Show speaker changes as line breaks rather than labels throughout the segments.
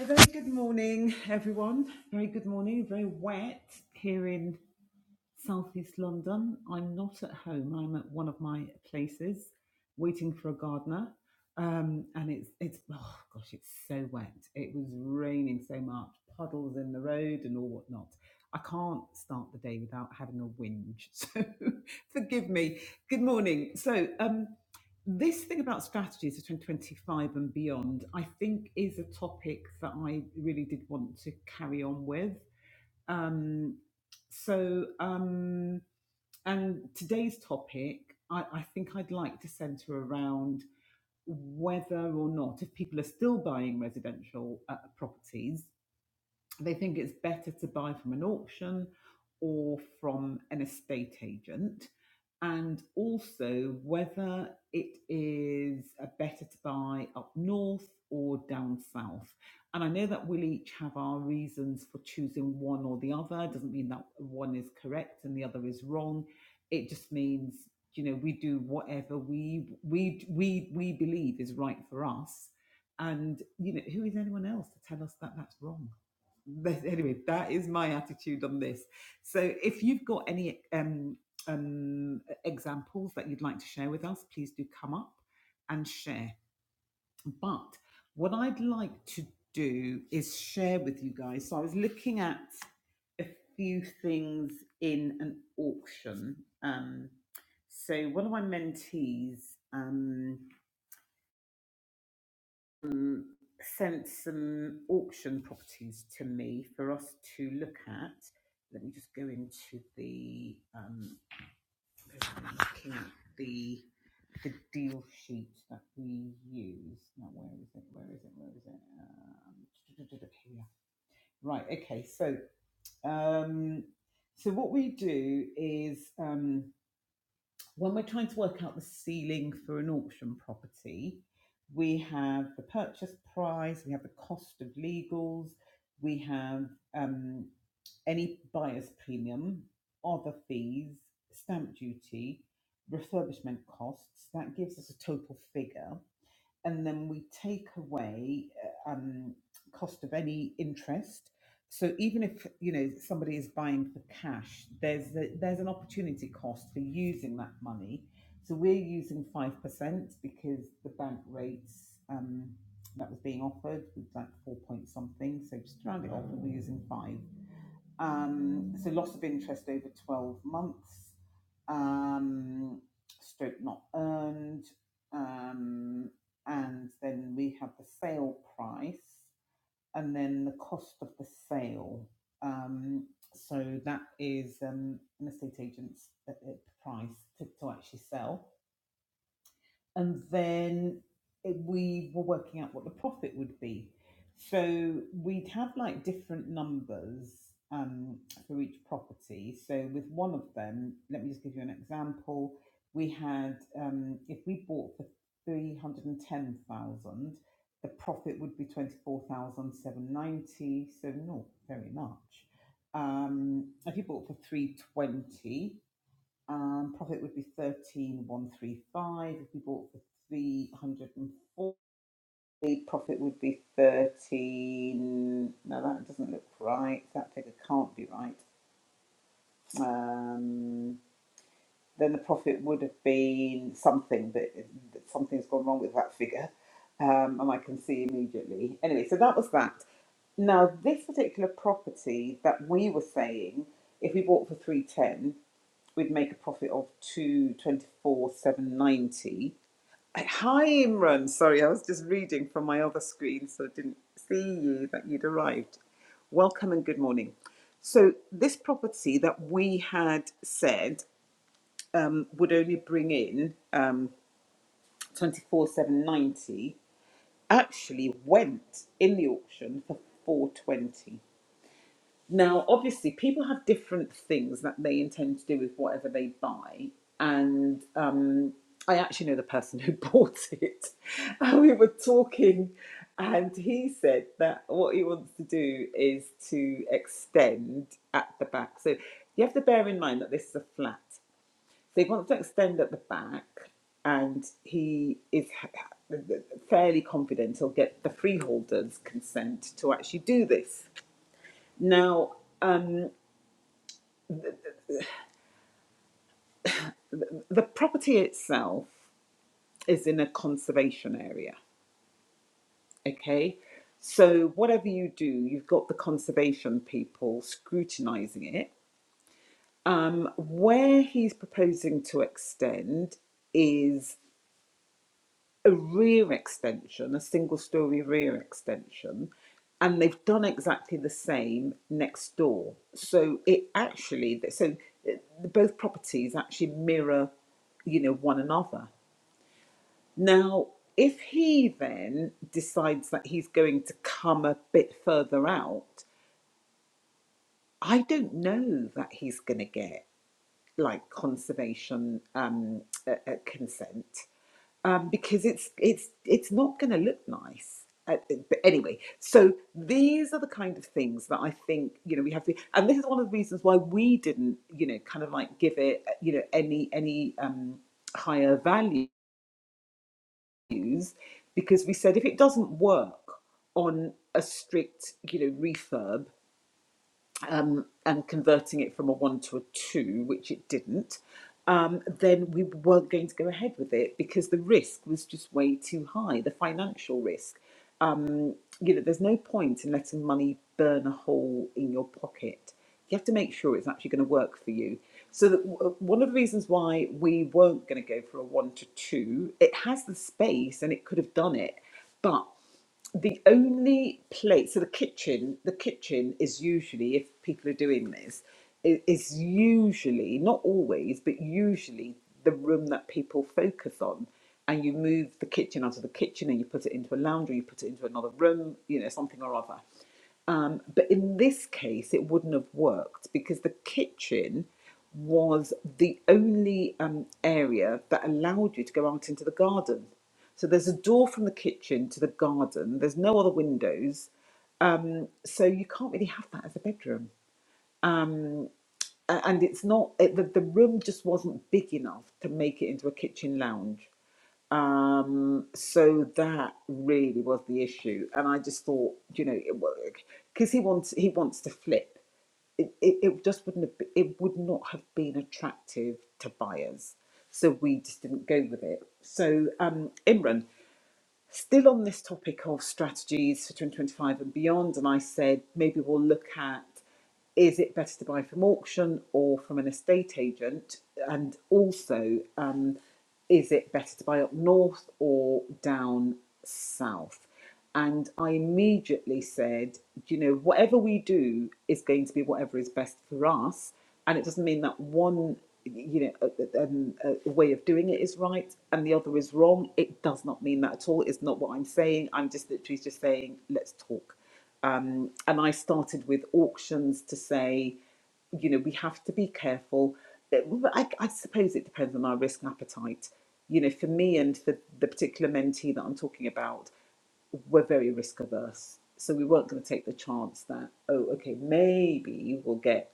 A very good morning, everyone. Very good morning. Very wet here in Southeast London. I'm not at home. I'm at one of my places, waiting for a gardener. Um, and it's it's oh gosh, it's so wet. It was raining so much, puddles in the road and all whatnot. I can't start the day without having a whinge. So forgive me. Good morning. So um, this thing about strategies for 2025 and beyond, I think, is a topic that I really did want to carry on with. Um, so, um, and today's topic, I, I think I'd like to centre around whether or not, if people are still buying residential uh, properties, they think it's better to buy from an auction or from an estate agent. And also whether it is uh, better to buy up north or down south. And I know that we'll each have our reasons for choosing one or the other. It doesn't mean that one is correct and the other is wrong. It just means, you know, we do whatever we we we we believe is right for us. And you know, who is anyone else to tell us that that's wrong? anyway, that is my attitude on this. So if you've got any um, um, examples that you'd like to share with us, please do come up and share. But what I'd like to do is share with you guys. So I was looking at a few things in an auction. Um, so one of my mentees. Um, um, sent some auction properties to me for us to look at. Let me just go into the um, looking at the the deal sheet that we use. Now, where is it? Where is it? Where is it? Um, here Right. Okay. So, um, so what we do is. um, when we're trying to work out the ceiling for an auction property, we have the purchase price, we have the cost of legals, we have um, any buyer's premium, other fees, stamp duty, refurbishment costs. That gives us a total figure and then we take away uh, um, cost of any interest. So even if you know somebody is buying for cash, there's a, there's an opportunity cost for using that money. So we're using five percent because the bank rates um, that was being offered was like four point something. So just round it off, and we're using five. Um, so loss of interest over 12 months, um, stroke not earned. Um, and then we have the sale price and then the cost of the sale. Um, so that is um, an estate agent's uh, uh, price to, to actually sell and then we were working out what the profit would be. So we'd have like different numbers um, for each property. So with one of them, let me just give you an example. We had um, if we bought for three hundred and ten thousand, the profit would be twenty four thousand seven hundred ninety. So not very much. Um, if you bought for three twenty, um, profit would be 13,135. If we bought for 340, profit would be 13. No, that doesn't look right. That figure can't be right. Um, then the profit would have been something, but something's gone wrong with that figure. Um, and I can see immediately. Anyway, so that was that. Now, this particular property that we were saying, if we bought for 310, we'd make a profit of two twenty four seven hundred ninety. Hi Imran, sorry, I was just reading from my other screen, so I didn't see you that you'd arrived. Welcome and good morning. So this property that we had said um, would only bring in um, twenty four seven hundred ninety actually went in the auction for four hundred twenty. Now, obviously, people have different things that they intend to do with whatever they buy, and um, I actually know the person who bought it. And we were talking, and he said that what he wants to do is to extend at the back. So you have to bear in mind that this is a flat. So he wants to extend at the back, and he is ha- fairly confident he'll get the freeholders' consent to actually do this. Now, the property itself is in a conservation area, okay? So, whatever you do, you've got the conservation people scrutinizing it. Um, where he's proposing to extend is a rear extension, a single story rear extension, and they've done exactly the same next door. So, it actually, so uh, both properties actually mirror you know one another Now, if he then decides that he's going to come a bit further out, I don't know that he's going to get like conservation um, uh, uh, consent um, because it's it's it's not going to look nice. Uh, uh, but anyway, so these are the kind of things that I think you know we have to, and this is one of the reasons why we didn't you know kind of like give it uh, you know any any um, higher value use because we said if it doesn't work on a strict, you know, refurb, um, and converting it from a one to a two, which it didn't, um, then we weren't going to go ahead with it because the risk was just way too high, the financial risk. Um, you know, there's no point in letting money burn a hole in your pocket. You have to make sure it's actually going to work for you. So that w- one of the reasons why we weren't going to go for a one to two, it has the space and it could have done it, but the only place so the kitchen the kitchen is usually if people are doing this i- is usually not always but usually the room that people focus on and you move the kitchen out of the kitchen and you put it into a lounge or you put it into another room you know something or other um, but in this case, it wouldn't have worked because the kitchen was the only um, area that allowed you to go out into the garden. So there's a door from the kitchen to the garden, there's no other windows. Um, so you can't really have that as a bedroom. A- And it's not, it, the, the room just wasn't big enough to make it into a kitchen lounge. Um, so that really was the issue, and I just thought, you know, it worked because he wants he wants to flip. It, it, it just wouldn't have be- it would not have been attractive to buyers, so we just didn't go with it. So um, Imran. Still on this topic of strategies for 2025 and beyond, and I said maybe we'll look at is it better to buy from auction or from an estate agent? And also, um, is it better to buy up north or down south? And I immediately said, you know, whatever we do is going to be whatever is best for us. And it doesn't mean that one, you know, a, a, a way of doing it is right and the other is wrong. It does not mean that at all. It's not what I'm saying. I'm just literally just saying, let's talk. Um, and I started with auctions to say, you know, we have to be careful. But I, I suppose it depends on our risk appetite. You know, for me and for the particular mentee that I'm talking about, were very risk averse. So we weren't going to take the chance that, oh, okay, maybe we'll get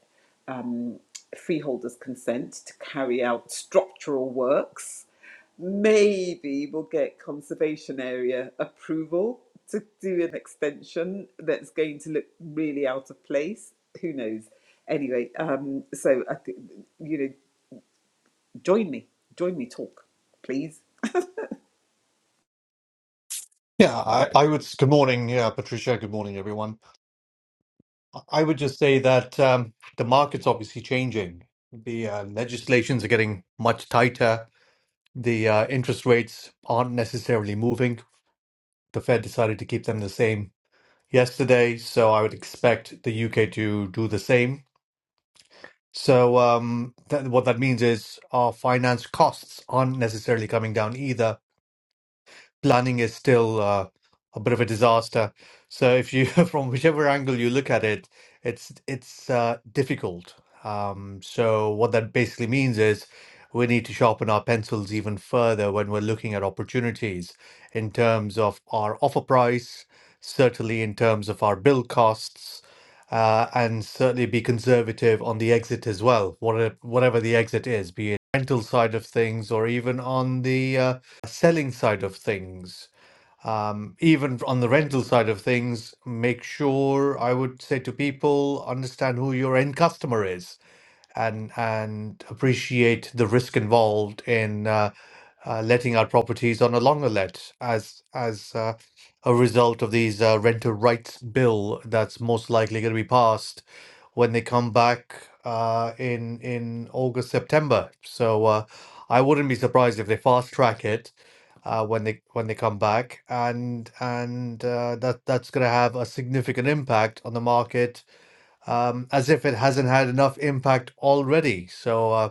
um, freeholders' consent to carry out structural works. Maybe we'll get conservation area approval to do an extension that's going to look really out of place. Who knows? Anyway, um, so I think, you know, join me, join me, talk, please.
Yeah, I, I would. Good morning, yeah, Patricia. Good morning, everyone. I would just say that um, the market's obviously changing. The uh, legislations are getting much tighter. The uh, interest rates aren't necessarily moving. The Fed decided to keep them the same yesterday, so I would expect the UK to do the same. So um, that, what that means is our finance costs aren't necessarily coming down either planning is still uh, a bit of a disaster. So if you, from whichever angle you look at it, it's it's uh, difficult. Um, so what that basically means is we need to sharpen our pencils even further when we're looking at opportunities in terms of our offer price, certainly in terms of our build costs, uh, and certainly be conservative on the exit as well, whatever whatever the exit is, be it rental side of things or even on the uh, selling side of things, um, even on the rental side of things, make sure I would say to people, understand who your end customer is and and appreciate the risk involved in uh, uh, letting out properties on a longer let as as uh, a result of these uh, renter rights bill that's most likely going to be passed when they come back uh, in in August September. So uh, I wouldn't be surprised if they fast track it uh, when they when they come back, and and uh, that that's going to have a significant impact on the market um, as if it hasn't had enough impact already. So, uh,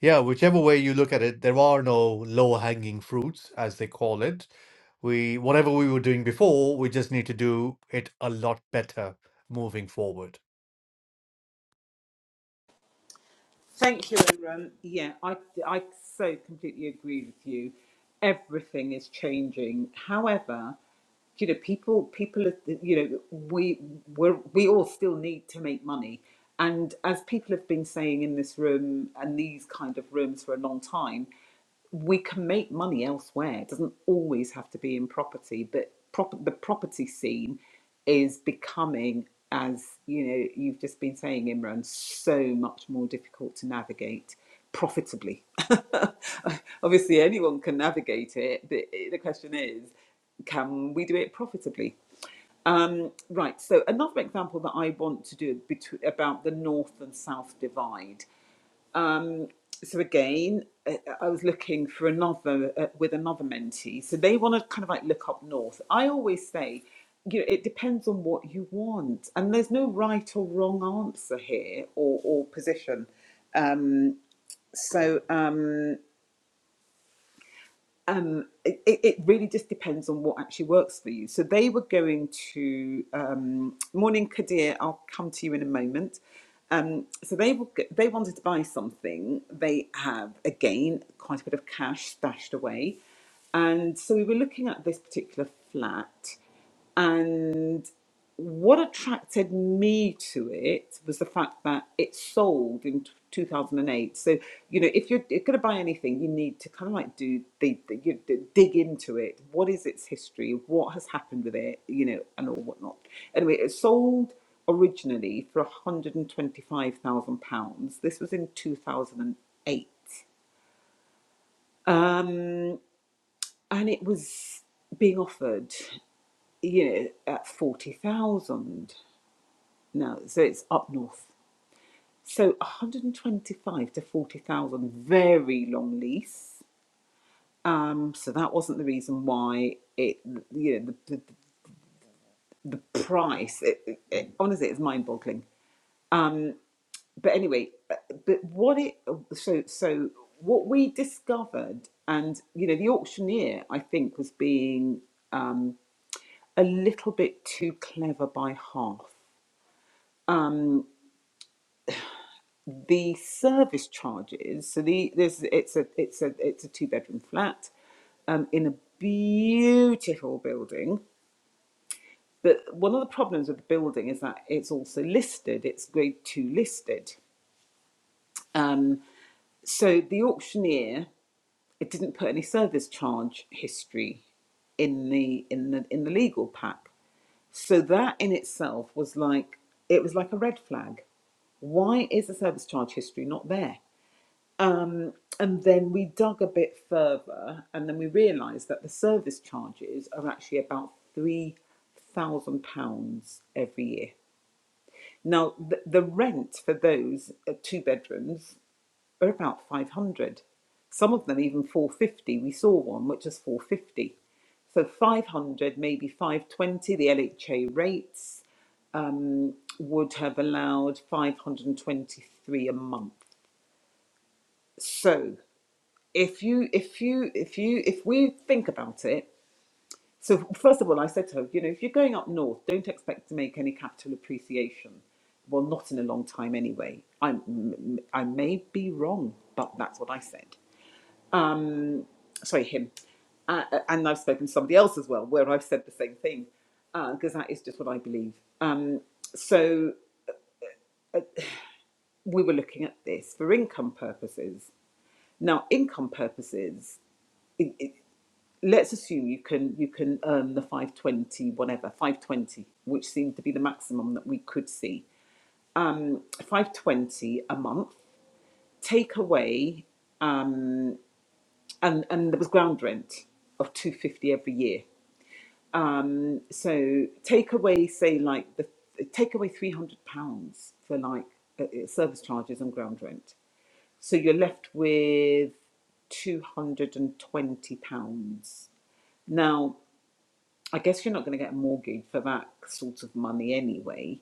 yeah, whichever way you look at it, there are no low hanging fruits, as they call it. We, whatever we were doing before, we just need to do it a lot better moving forward.
Thank you, Imran. Yeah, I, I so completely agree with you. Everything is changing. However, you know, people, people, are- you know, we we're, we all still need to make money. And as people have been saying in this room and these kind of rooms for a long time, we can make money elsewhere. It doesn't always have to be in property, but prop- the property scene is becoming, as you know, you've just been saying, Imran, so much more difficult to navigate profitably. Obviously, anyone can navigate it, but the question is, can we do it profitably? Right, so another example that I want to do between, about the north and south divide. so again, uh, I was looking for another uh, with another mentee. So they want to kind of like look up north. I always say, you know, it depends on what you want, and there's no right or wrong answer here or or position. So. Um, it, it really just depends on what actually works for you. So they were going to um, morning Kadir. I'll come to you in a moment. Um, so they were, they wanted to buy something. They have again quite a bit of cash stashed away, and so we were looking at this particular flat. And what attracted me to it was the fact that it sold in t- 2008. So, you know, if you're going to buy anything, you need to kind of like do the, the, you d dig into it. What is its history? What has happened with it? You know, and all whatnot. Anyway, it sold originally for 125,000 pounds. This was in 2008, and eight, and it was being offered you know, at 40,000. No, so it's up north. So 125 to 40,000, very long lease. Um, so that wasn't the reason why it, you know, the, the, the price, it, it, it, honestly, it's mind boggling. But anyway, uh, but what it, so, so what we discovered, and, you know, the auctioneer, I think, was being a little bit too clever by half. the service charges. So the this it's a it's a it's a two bedroom flat, um, in a beautiful building. But one of the problems with the building is that it's also listed. It's grade two listed. Um, so the auctioneer it didn't put any service charge history in the in the in the legal pack. So that in itself was like it was like a red flag. Why is the service charge history not there? Um, And then we dug a bit further, and then we realised that the service charges are actually about three thousand pounds every year. Now, the, the rent for those uh, two bedrooms are about five hundred. Some of them even four fifty. We saw one which was four fifty. So five hundred, maybe five twenty. The LHA rates um, would have allowed five hundred and twenty-three a month. So if you if you if you if we think about it so first of all i said to her you know if you're going up north don't expect to make any capital appreciation well not in a long time anyway i i may be wrong but that's what i said sorry him uh, uh, and i've spoken to somebody else as well where i've said the same thing because that is just what i believe um, so we were looking at this for income purposes now income purposes let's assume you can you can earn the 520 whatever 520 which seemed to be the maximum that we could see 520 a month take away and and there was ground rent of 250 every year so take away say like the take away 300 pounds for like uh, uh, service charges and ground rent so you're left with 220 pounds now I guess you're not going to get a mortgage for that sort of money anyway.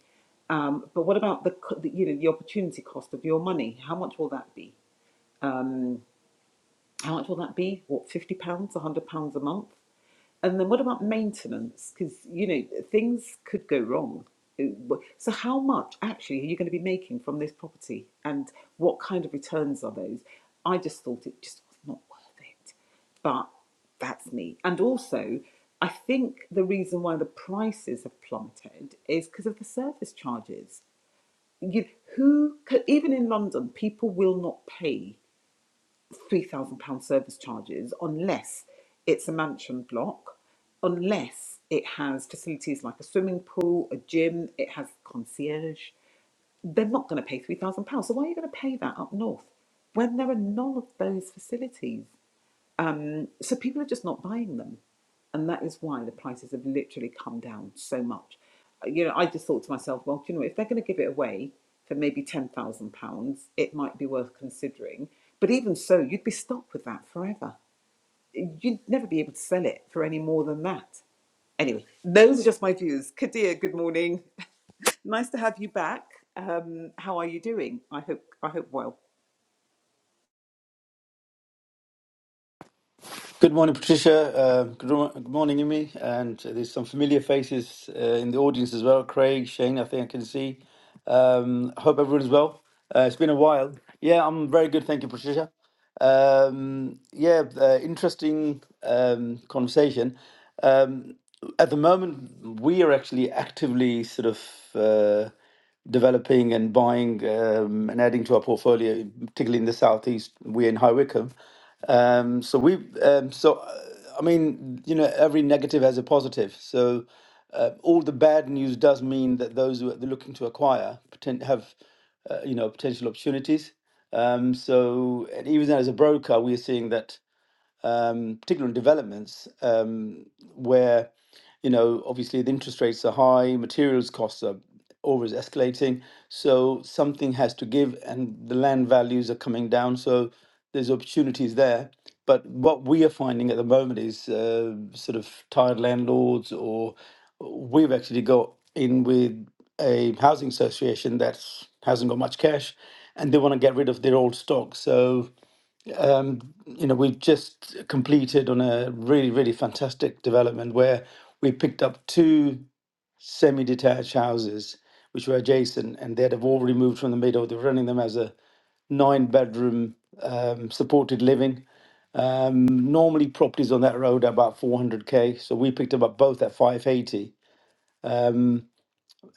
Um, but what about the, co- the you know the opportunity cost of your money? How much will that be? How much will that be? What fifty pounds, a hundred pounds a month? And then what about maintenance? Because, you know, things could go wrong. Uh, So, how much actually are you going to be making from this property and what kind of returns are those? I just thought it just was not worth it. But that's me. And also, I think the reason why the prices have plummeted is because of the service charges. You, who, even in London, people will not pay three thousand pound service charges unless it's a mansion block, unless it has facilities like a swimming pool, a gym, it has concierge. They're not going to pay three thousand pounds. So why are you going to pay that up north when there are none of those facilities? So people are just not buying them. And that is why the prices have literally come down so much. Uh, You know, I just thought to myself, well, you know, if they're going to give it away for maybe £10,000, it might be worth considering. But even so, you'd be stuck with that forever. You'd never be able to sell it for any more than that. Anyway, those are just my views. Kadir, good morning. nice to have you back. Um, how are you doing? I hope I hope well.
Good morning, Patricia. Uh, good, mo- good morning, Imi. And there's some familiar faces uh, in the audience as well. Craig, Shane, I think I can see. Um, I hope everyone's well. Uh, it's been a while. Yeah, I'm very good. Thank you, Patricia. Um, yeah, uh, interesting um, conversation. Um, at the moment, we are actually actively sort of. Uh, developing and buying um, and adding to our portfolio, particularly in the southeast. We're in High Wycombe, um, so we um, so uh, I mean you know every negative has a positive. So uh, all the bad news does mean that those who are looking to acquire poten- have uh, you know potential opportunities. Um, so and even as a broker, we're seeing that um, particularly on developments, um, where you know obviously the interest rates are high, materials costs are always escalating, so something has to give, and the land values are coming down, so there's opportunities there. But what we are finding at the moment is uh, sort of tired landlords, or we've actually got in with a housing association that hasn't got much cash, and they want to get rid of their old stock, so you know, we've just completed on a really, really fantastic development where we picked up two semi-detached houses which were adjacent, and they'd have all removed from the middle. They were running them as a nine-bedroom um, supported living. Normally, properties on that road are about 400k, so we picked them up both at 580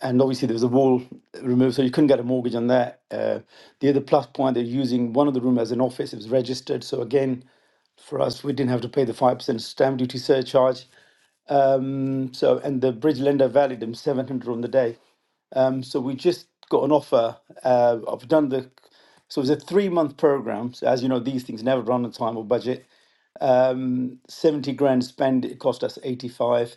and obviously there was a wall removed, so you couldn't get a mortgage on that. Uh, the other plus point, they're using one of the room as an office. It was registered, so again, for us, we didn't have to pay the five percent stamp duty surcharge. And so, and the bridge lender valued them seven hundred on the day. Um, so we just got an offer. Uh, I've done the, so it was a three month program. So as you know, these things never run on time or budget. 70 grand spent, it cost us 85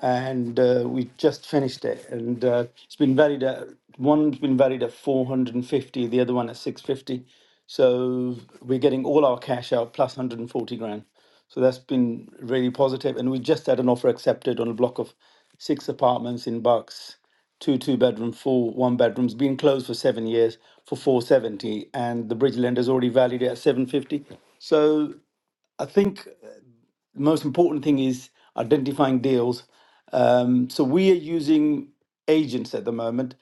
and uh, we just finished it and uh, it's been valued at one's been valued at 450 the other one at 650 so we're getting all our cash out plus 140 grand so that's been really positive positive. and we just had an offer accepted on a block of six apartments in bucks two two bedroom four one bedrooms been closed for seven years for 470 and the bridge lender's already valued it at 750 so i think the most important thing is identifying deals, um, so we are using agents at the moment.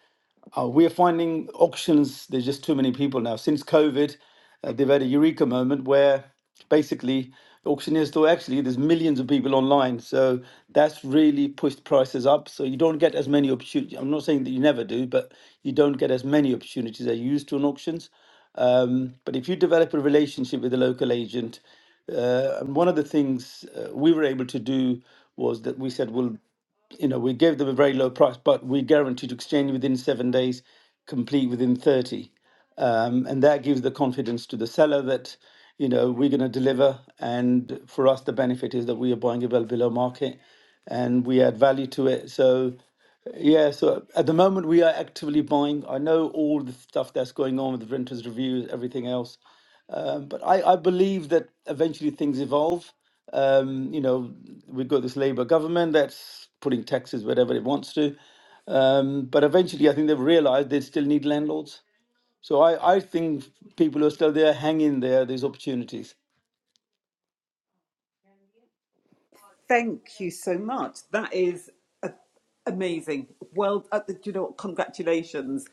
Uh, we are finding auctions, there's just too many people now. Since COVID, uh, they've had a eureka moment where basically auctioneers thought actually there's millions of people online. So that's really pushed prices up. So you don't get as many opportunities. I'm not saying that you never do, but you don't get as many opportunities as you used to on auctions. Um, but if you develop a relationship with a local agent, uh, and one of the things uh, we were able to do was that we said, we'll you know, we gave them a very low price, but we guaranteed to exchange within seven days, complete within 30. Um, and that gives the confidence to the seller that, you know, we're going to deliver. And for us, the benefit is that we are buying it well below market and we add value to it. So, yeah, so at the moment we are actively buying. I know all the stuff that's going on with the renters' reviews, everything else. Um, but I, I believe that eventually things evolve. Um, you know, we've got this Labour government that's putting taxes wherever it wants to. Um, but eventually, I think they've realised they still need landlords. So I, I think people who are still there, hang in there, there's opportunities.
Thank you so much. That is a- amazing. Well, uh, do you know, what? congratulations.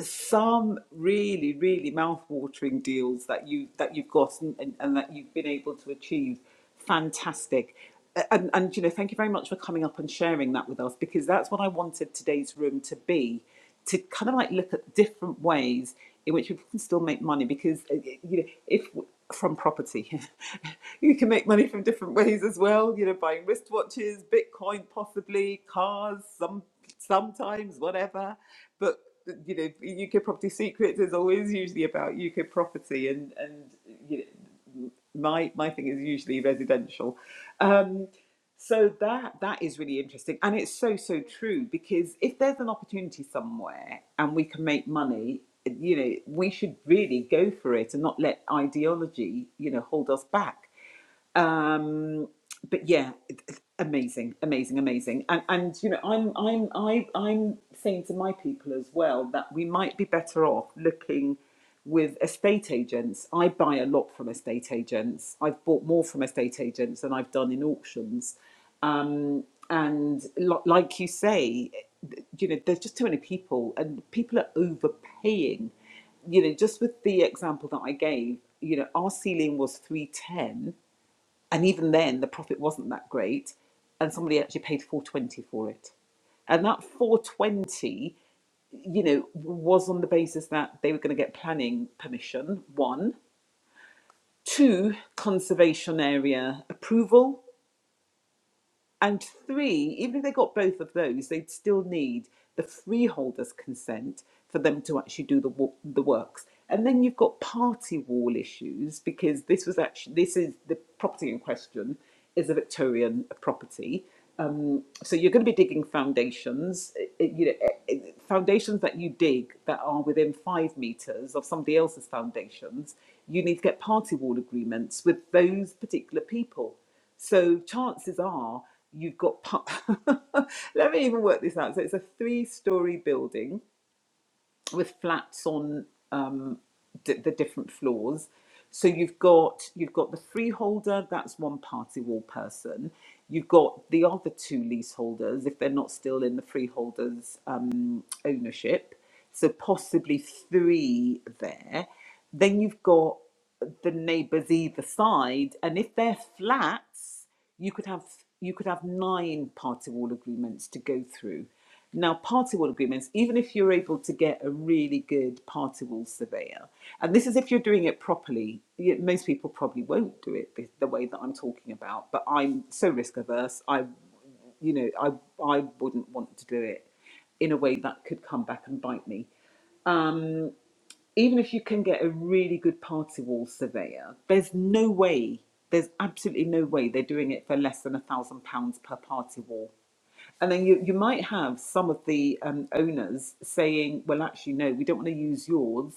Some really, really mouth-watering deals that you that you've gotten and, and that you've been able to achieve. Fantastic. Uh, And, and you know, thank you very much for coming up and sharing that with us because that's what I wanted today's room to be to kind of like look at different ways in which people can still make money because uh, you know if from property you can make money from different ways as well you know buying wristwatches bitcoin possibly cars some sometimes whatever but uh, you know uk property secrets is always usually about uk property and and you know, my my thing is usually residential. Um, so that that is really interesting, and it's so so true because if there's an opportunity somewhere and we can make money, you know, we should really go for it and not let ideology, you know, hold us back um, but yeah, amazing, amazing, amazing. And and you know, I'm I'm I I'm saying to my people as well that we might be better off looking with estate agents. I buy a lot from estate agents. I've bought more from estate agents than I've done in auctions. Um, and lo- like you say, you know, there's just too many people, and people are overpaying you know, just with the example that I gave, you know, our ceiling was 310 and even then the profit wasn't that great and somebody actually paid 420 for it and that 420 you know was on the basis that they were going to get planning permission one two conservation area approval and three, even if they got both of those, they'd still need the freeholder's consent for them to actually do the wo- the works. And then you've got party wall issues because this was actually this is the property in question is a Victorian property. Um, so you're going to be digging foundations, eh, eh, you know, eh, eh, foundations that you dig that are within five meters of somebody else's foundations. You need to get party wall agreements with those particular people. So chances are you've got. pu- Let me even work this out. So it's a three-story building with flats on um, d- the different floors. So you've got you've got the freeholder. That's one party wall person. You've got the other two leaseholders if they're not still in the freeholder's um, ownership. So possibly three there. Then you've got the neighbours either side, and if they're flats you could have you could have nine party wall agreements to go through. Now, party wall agreements, even if you're able to get a really good party wall surveyor, and this is if you're doing it properly, y- most people probably won't do it the, the way that I'm talking about, but I'm so risk averse, I, you know, I, I wouldn't want to do it in a way that could come back and bite me even if you can get a really good party wall surveyor, there's no way, there's absolutely no way they're doing it for less than a thousand pounds per party wall. And then you, you might have some of the um, owners saying, well, actually, no, we don't want to use yours.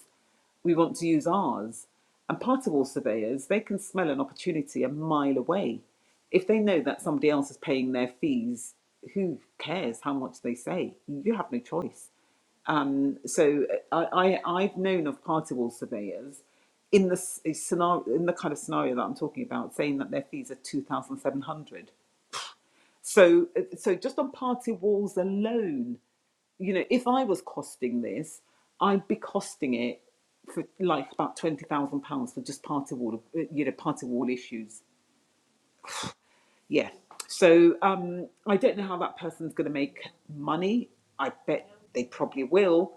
We want to use ours. And party wall surveyors, they can smell an opportunity a mile away. If they know that somebody else is paying their fees, who cares how much they say? You have no choice um, so I, I, I've known of party wall surveyors in the scenario, in the kind of scenario that I'm talking about, saying that their fees are two thousand seven hundred. So, eh, so just on party walls alone, you know, if I was costing this, I'd be costing it for like about twenty thousand pounds for just party wall, uh, you know, party wall issues. Yeah. So um, I don't know how that person's going to make money. I bet they probably will.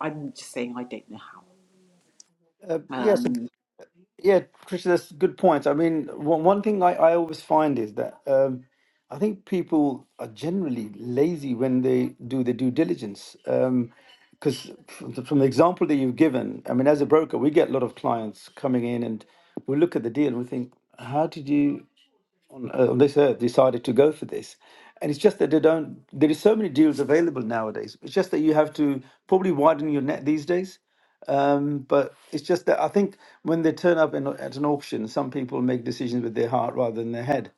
I'm just saying I don't know how.
Uh, yes,
Um,
Yeah, Tricia, that's good points. I mean, one one thing I, I always find is that um, I think people are generally lazy when they do their due diligence. Because from the from the example that you've given, I mean, as a broker, we get a lot of clients coming in and we look at the deal and we think, how did you on, uh, on this earth decided to go for this and it's just that they don't there is so many deals available nowadays it's just that you have to probably widen your net these days um, but it's just that I think when they turn up in, at an auction, some people make decisions with their heart rather than their head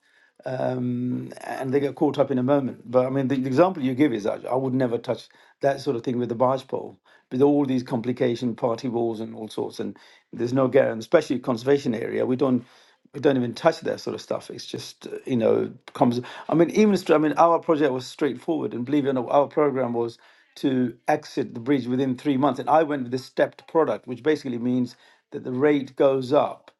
um, and they get caught up in a moment. But I mean, the, the example you give is that I would never touch that sort of thing with the barge pole, with all these complication, party walls and all sorts. And there's no guarantee, especially conservation area. We don't we don't even touch that sort of stuff. It's just uh, you know comes. I mean, even stra- I mean, our project was straightforward, and believe it or not, our program was to exit the bridge within three months. And I went with the stepped product, which basically means that the rate goes up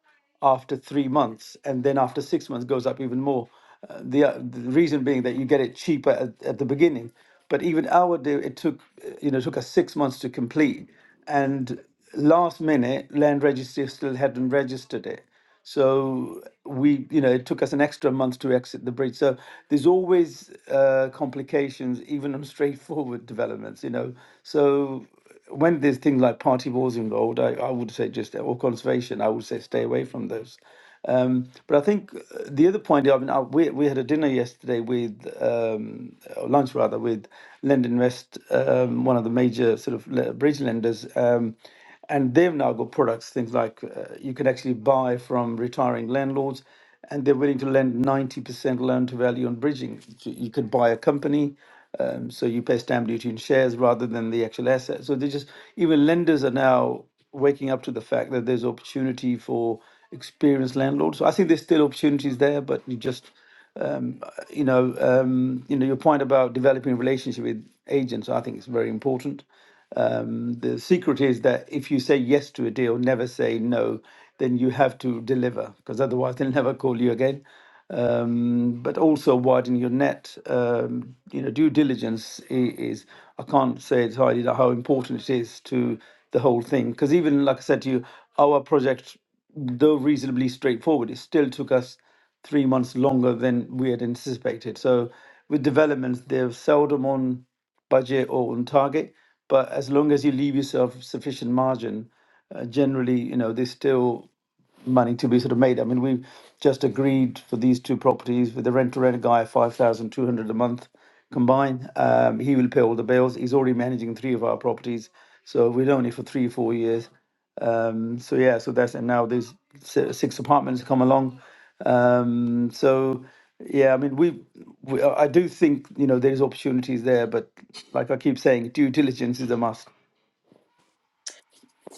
after three months, and then after six months goes up even more. Uh, the, uh, the reason being that you get it cheaper at, at the beginning, but even our deal it took uh, you know took us six months to complete, and last minute land registry still hadn't registered it. So we, you know, it took us an extra month to exit the bridge. So there's always uh, complications, even on straightforward developments, you know. So when there's things like party wars involved, I, I would say just or conservation, I would say stay away from those. Um, but I think uh, the other point, I mean, I, we, we had a dinner yesterday with, um, or lunch rather, with Lendinvest, um, one of the major sort of le- bridge lenders. Um, and they've now got products, things like uh, you can actually buy from retiring landlords, and they're willing to lend 90% loan to value on bridging. So You could buy a company, um, so you pay stamp duty in shares rather than the actual asset. So they just, even lenders are now waking up to the fact that there's opportunity for experienced landlords. So I think there's still opportunities there, but you just, um, uh, you know, um, you know, your point about developing a relationship with agents, I think is very important. Um, the secret is that if you say yes to a deal, never say no, then you have to deliver because otherwise they'll never call you again. Um, but also widen your net. Um, you know, due diligence i- is, I can't say it's highly how important it is to the whole thing because even like I said to you, our project, though reasonably straightforward, it still took us three months longer than we had anticipated. So with developments, they're seldom on budget or on target. But as long as you leave yourself sufficient margin, uh, generally, you know, they still money to be sort of made. I mean, we've just agreed for these two properties with the rent to rent guy five thousand two hundred a month combined. Um, he will pay all the bills. He's already managing three of our properties, so we've known it for three four years. Um, so yeah, so that's and now there's si- six apartments come along. Um, so yeah, I mean we, we I do think you know there's opportunities there, but like I keep saying, due diligence is a must.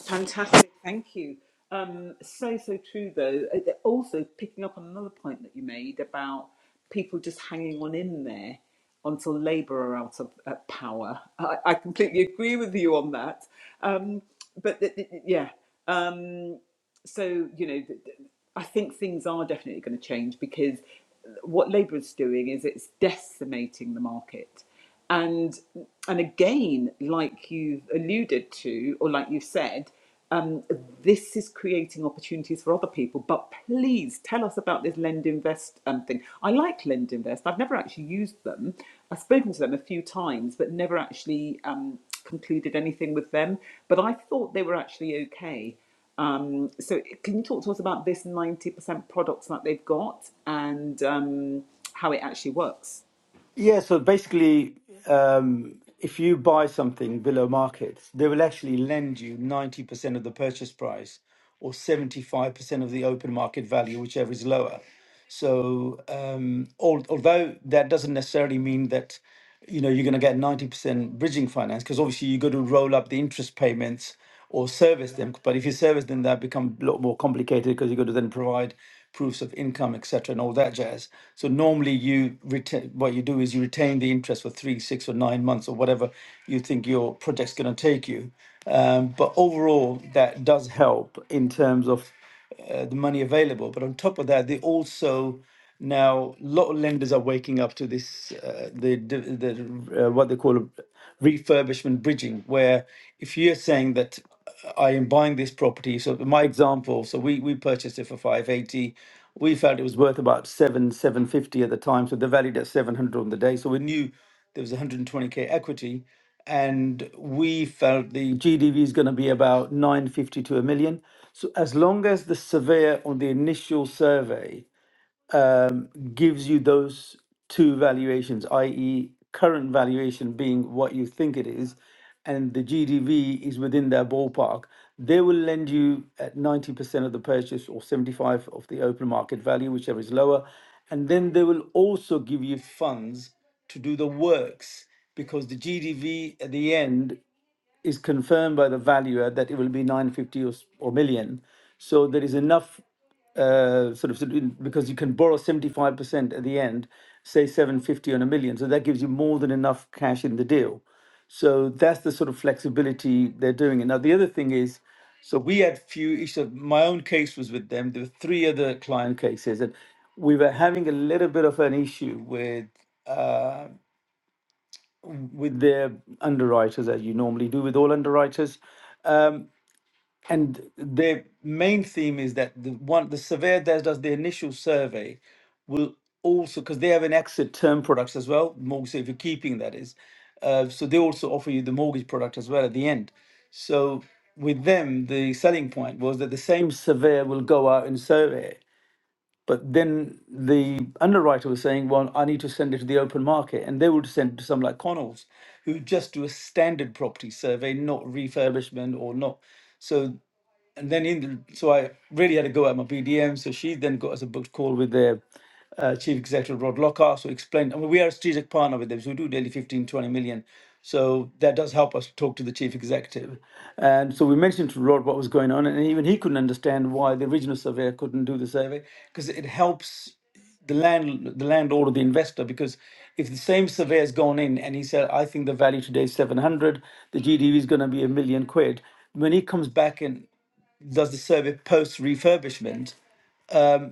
fantastic, thank you. Um, so, so true though. Uh, th- Also, picking up on another point that you made about people just hanging on in there until Labour are out of uh, power. I, I completely agree with you on that. Um, but th- th- yeah, Um, so you know, I think things are definitely going to change because uh, what Labour is doing is it's decimating the market, and and again, like you've alluded to or like you've said, um, this is creating opportunities for other people. But please tell us about this Lend Invest um, thing. I like Lend Invest. I've never actually used them. I've spoken to them a few times, but never actually um, concluded anything with them. But I thought they were actually okay. Um, so can you talk to us about this 90% products that they've got and um, how it actually works?
Yeah, so basically, um, if you buy something below market, they will actually lend you 90% of the purchase price or 75% of the open market value, whichever is lower. So, um, al- although that doesn't necessarily mean that, you know, you're going to get 90% bridging finance, because obviously you got to roll up the interest payments or service them. But if you service them, that become a lot more complicated because you've got to then provide proofs of income, etc., and all that jazz. So normally, you retain what you do is you retain the interest for three, six, or nine months, or whatever you think your project's going to take you. Um, but overall, that does help in terms of uh, the money available. But on top of that, they also now a lot of lenders are waking up to this uh, the the, the uh, what they call a refurbishment bridging, where if you're saying that I am buying this property. So my example, so we we purchased it for 580. We felt it was worth about seven, 750 at the time. So they valued at 700 on the day. So we knew there was 120k equity. And we felt the GDV is going to be about 950 to a million. So as long as the surveyor on the initial survey um, gives you those two valuations, i.e., current valuation being what you think it is, and the GDV is within their ballpark, they will lend you at 90% of the purchase or 75 of the open market value, whichever is lower. And then they will also give you funds to do the works because the GDV at the end is confirmed by the valuer that it will be 950 or, s- or million. So there is enough uh, sort of sort of- because you can borrow 75% at the end, say 750 on a million. So that gives you more than enough cash in the deal. So that's the sort of flexibility they're doing it. Now, the other thing is, so we had few issues. My own case was with them. There were three other client cases, and we were having a little bit of an issue with uh, with their underwriters, as you normally do with all underwriters. Um, and the main theme is that the one the surveyor that does the initial survey will also because they have an exit term products as well, mortgage so if you're keeping that is. Uh, so they also offer you the mortgage product as well at the end. So with them, the selling point was that the same surveyor will go out and survey. But then the underwriter was saying, well, I need to send it to the open market. And they would send it to some like Connells, who just do a standard property survey, not refurbishment or not. So and then in the, so I really had a go at my BDM. So she then got us a booked call with the uh, chief executive Rod Lockhart. So explained, I mean, we are a strategic partner with them, so we do daily fifteen twenty million. So that does help us talk to the chief executive. And so we mentioned to Rod what was going on, and even he couldn't understand why the original surveyor couldn't do the survey because it helps the land the landlord or the investor because if the same surveyor's gone in and he said i think the value today is 700 the gdv is going to be a million quid when he comes back in does the survey post refurbishment,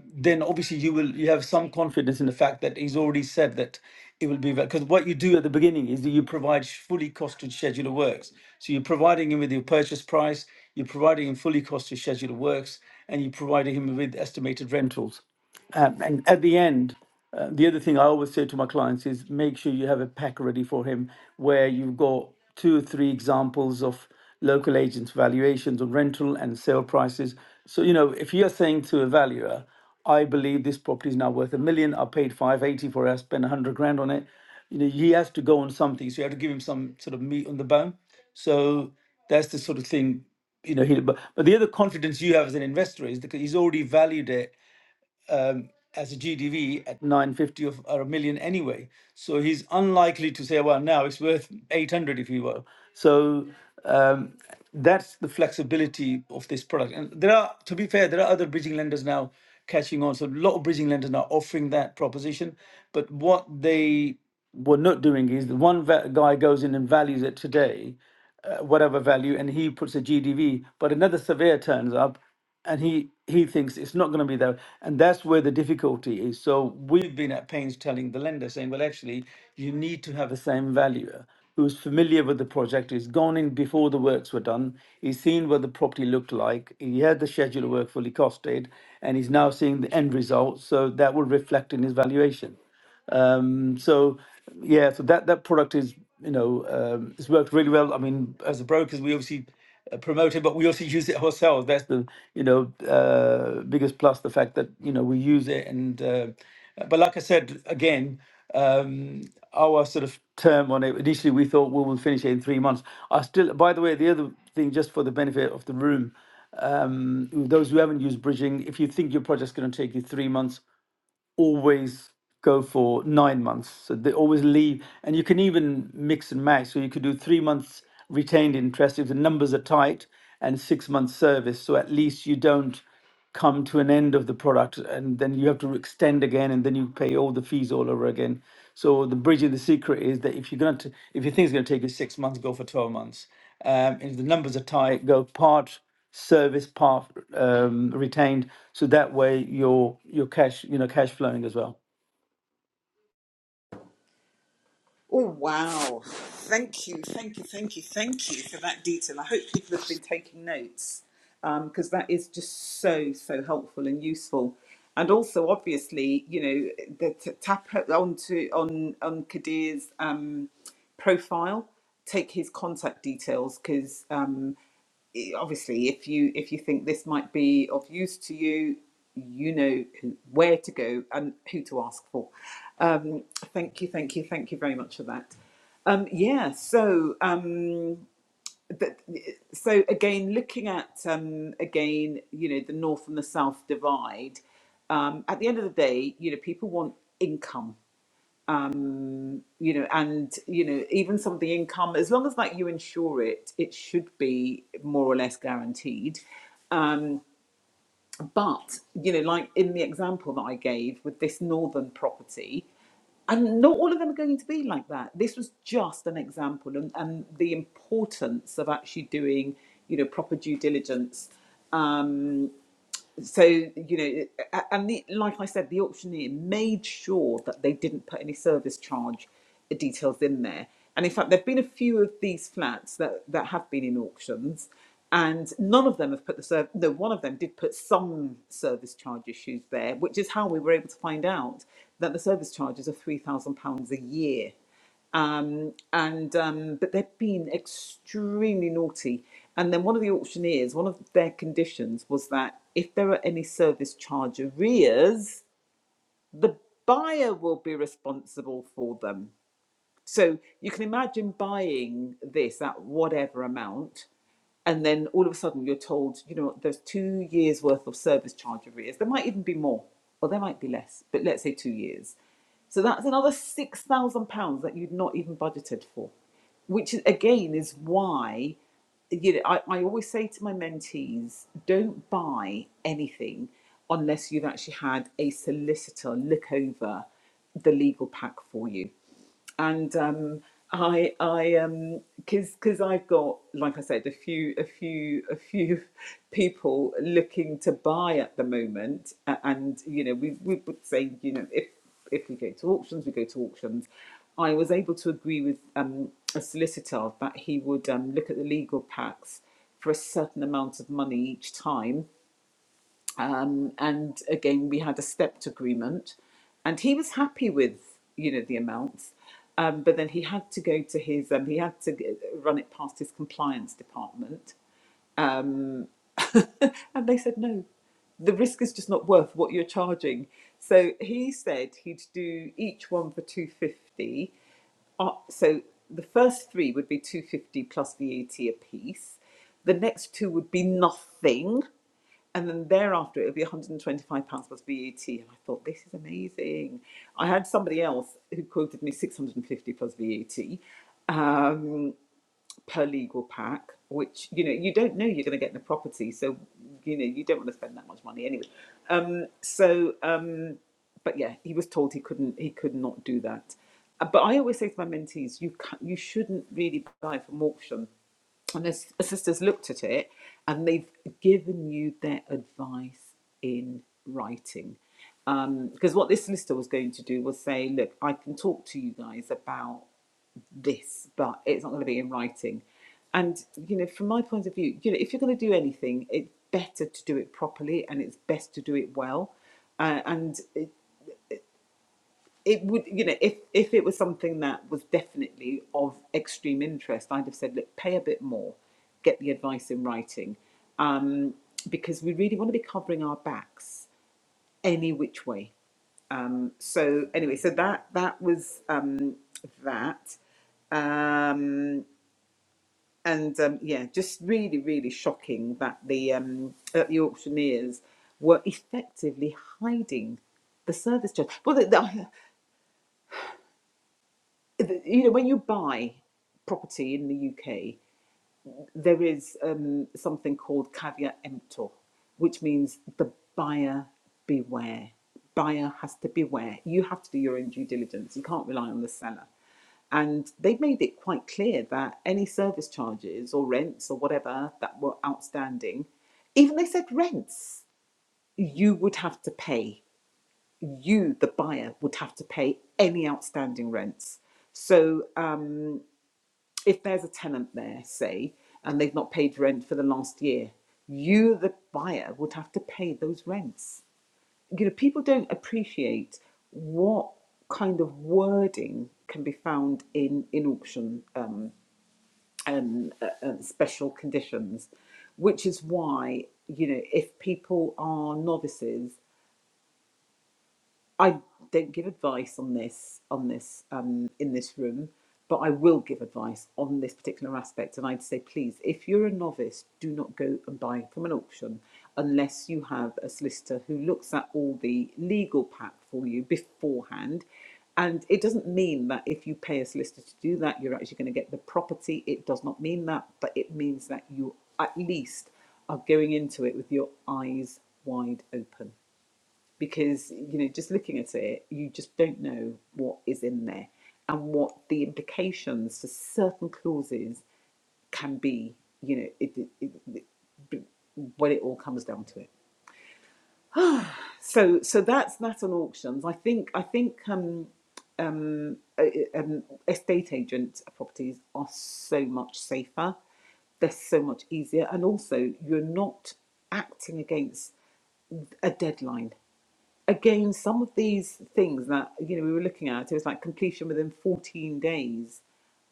then obviously you will you have some confidence in the fact that he's already said that it will be because what you do at the beginning is that you provide sh- fully costed schedule of works. So you're providing him with your purchase price, you're providing him fully costed schedule of works, and you're providing him with estimated rentals. Um, and at the end, uh, the other thing I always say to my clients is make sure you have a pack ready for him where you've got two or three examples of local agents' valuations on rental and sale prices. So, you know, if you're saying to a valuer, I believe this property is now worth a million, I paid 580 for it, I spent 100 grand on it, you know, he has to go on something. So you have to give him some sort of meat on the bone. So that's the sort of thing you know, he, but, but the other confidence you have as an investor is that he's already valued it as a GDV at 950 of, or a million anyway. So he's unlikely to say, well, now it's worth 800 if you will. So um, that's the flexibility of this product. And there are, to be fair, there are other bridging lenders now catching on. So a lot of bridging lenders now offering that proposition. But what they were not doing is the one va- guy goes in and values it today, uh, whatever value, and he puts a GDV, but another surveyor turns up and he he thinks it's not going to be that and that's where the difficulty is so we've been at pains telling the lender saying well actually you need to have the same valuer who's familiar with the project who's gone in before the works were done he's seen what the property looked like he had the schedule of work fully costed and he's now seeing the end result so that will reflect in his valuation um, so yeah, so that that product is you know um, it's worked really well. I mean, as a brokers, we obviously uh, promote it, but we also use it ourselves. That's the you know uh, biggest plus the fact that you know we use it and uh, but like I said again. Um, our sort of term on it initially we thought we will finish it in three months i still by the way the other thing just for the benefit of the room those who haven't used bridging if you think your project's going to take you three months always go for nine months. So they always leave, and you can even mix and match. So you could do three months retained interest if the numbers are tight, and six months service. So at least you don't come to an end of the product, and then you have to extend again, and then you pay all the fees all over again. So the bridge of the secret is that if you're going to, if you think it's going to take you six months, go for twelve months. Um, if the numbers are tight, go part service path um, retained, so that way your your cash you know cash flowing as well.
Oh, wow. Thank you, thank you, thank you, thank you for that detail. I hope people have been taking notes because um, that is just so so helpful and useful and also obviously you know the t- tap onto on on kadir's um profile take his contact details because um. obviously if you if you think this might be of use to you you know who, where to go and who to ask for um, thank you thank you thank you very much for that um, yeah so um, but, so again looking at um, again you know the north and the south divide um, at the end of the day you know people want income you know and you know even some of the income as long as like you insure it it should be more or less guaranteed Um. But, you know, like in the example that I gave with this northern property, and not all of them are going to be like that. This was just an example, and, and the importance of actually doing, you know, proper due diligence um, so you know and the, like i said the auctioneer made sure that they didn't put any service charge details in there and in fact there have been a few of these flats that, that have been in auctions and none of them have put the serv no one of them did put some service charge issues there which is how we were able to find out that the service charges are £3000 a year um, and um, but they've been extremely naughty. And then one of the auctioneers, one of their conditions was that if there are any service charge arrears, the buyer will be responsible for them. So you can imagine buying this at whatever amount, and then all of a sudden you're told, you know, there's two years worth of service charge arrears. There might even be more, or there might be less, but let's say two years. So that's another six thousand pounds that you'd not even budgeted for, which is, again is why, you know, I, I always say to my mentees, don't buy anything unless you've actually had a solicitor look over the legal pack for you and um, I I um because because I've got like I said a few a few a few people looking to buy at the moment, a- and you know we we would say you know if if we go to auctions we go to auctions. I was able to agree with um, a solicitor that he would um, look at the legal packs for a certain amount of money each time um, and again we had a stepped agreement and he was happy with you know the amounts um, but then he had to go to his um, he had to g- run it past his compliance department and they said, no, the risk is just not worth what you're charging. So he said he'd do each one for 250. Uh, so the first three would be 250 plus VAT a T a piece. The next two would be nothing. And then thereafter, it would be £125 plus VAT. And I thought, this is amazing. I had somebody else who quoted me 650 plus VAT per legal pack, which you know you don't know you're going to get in the property, so you know you don't want to spend that much money anyway. Um, so, um, but yeah, he was told he couldn't, he could not do that. Uh, But I always say to my mentees, you can you shouldn't really buy from auction unless the s- sisters looked at it and they've given you their advice in writing. Because what this solicitor was going to do was say, look, I can talk to you guys about this, but it's not going to be in writing. And you know, from my point of view, you know, if you're going to do anything, it's better to do it properly, and it's best to do it well. Uh, and it, it would, you know, if if it was something that was definitely of extreme interest, I'd have said, look, pay a bit more, get the advice in writing, um, because we really want to be covering our backs any which way. Um, so anyway, so that that was um, that. Um, and um, yeah, just really, really shocking that the um, that the auctioneers were effectively hiding the service charge. Well, the, the, you know, when you buy property in the UK, there is um, something called caveat emptor, which means the buyer beware. Buyer has to beware. You have to do your own due diligence. You can't rely on the seller. And they made it quite clear that any service charges or rents or whatever that were outstanding, even they said rents, you would have to pay. You, the buyer, would have to pay any outstanding rents. So um, if there's a tenant there, say, and they've not paid rent for the last year, you, the buyer, would have to pay those rents. You know, people don't appreciate what kind of wording can be found in in auction um, and uh, uh, special conditions, which is why you know if people are novices I don't give advice on this on this um, in this room, but I will give advice on this particular aspect. And I'd say, please, if you're a novice, do not go and buy from an auction unless you have a solicitor who looks at all the legal pack for you beforehand. And it doesn't mean that if you pay a solicitor to do that, you're actually going to get the property. It does not mean that, but it means that you at least are going into it with your eyes wide open because you know just looking at it you just don't know what is in there and what the implications for certain clauses can be you know it, it, it, it- when it all comes down to it so so that's that on auctions i think i think um, uh, um estate agent properties are so much safer they're so much easier and also you're not acting against a deadline again, some of these things that you know we were looking at, it was like completion within 14 days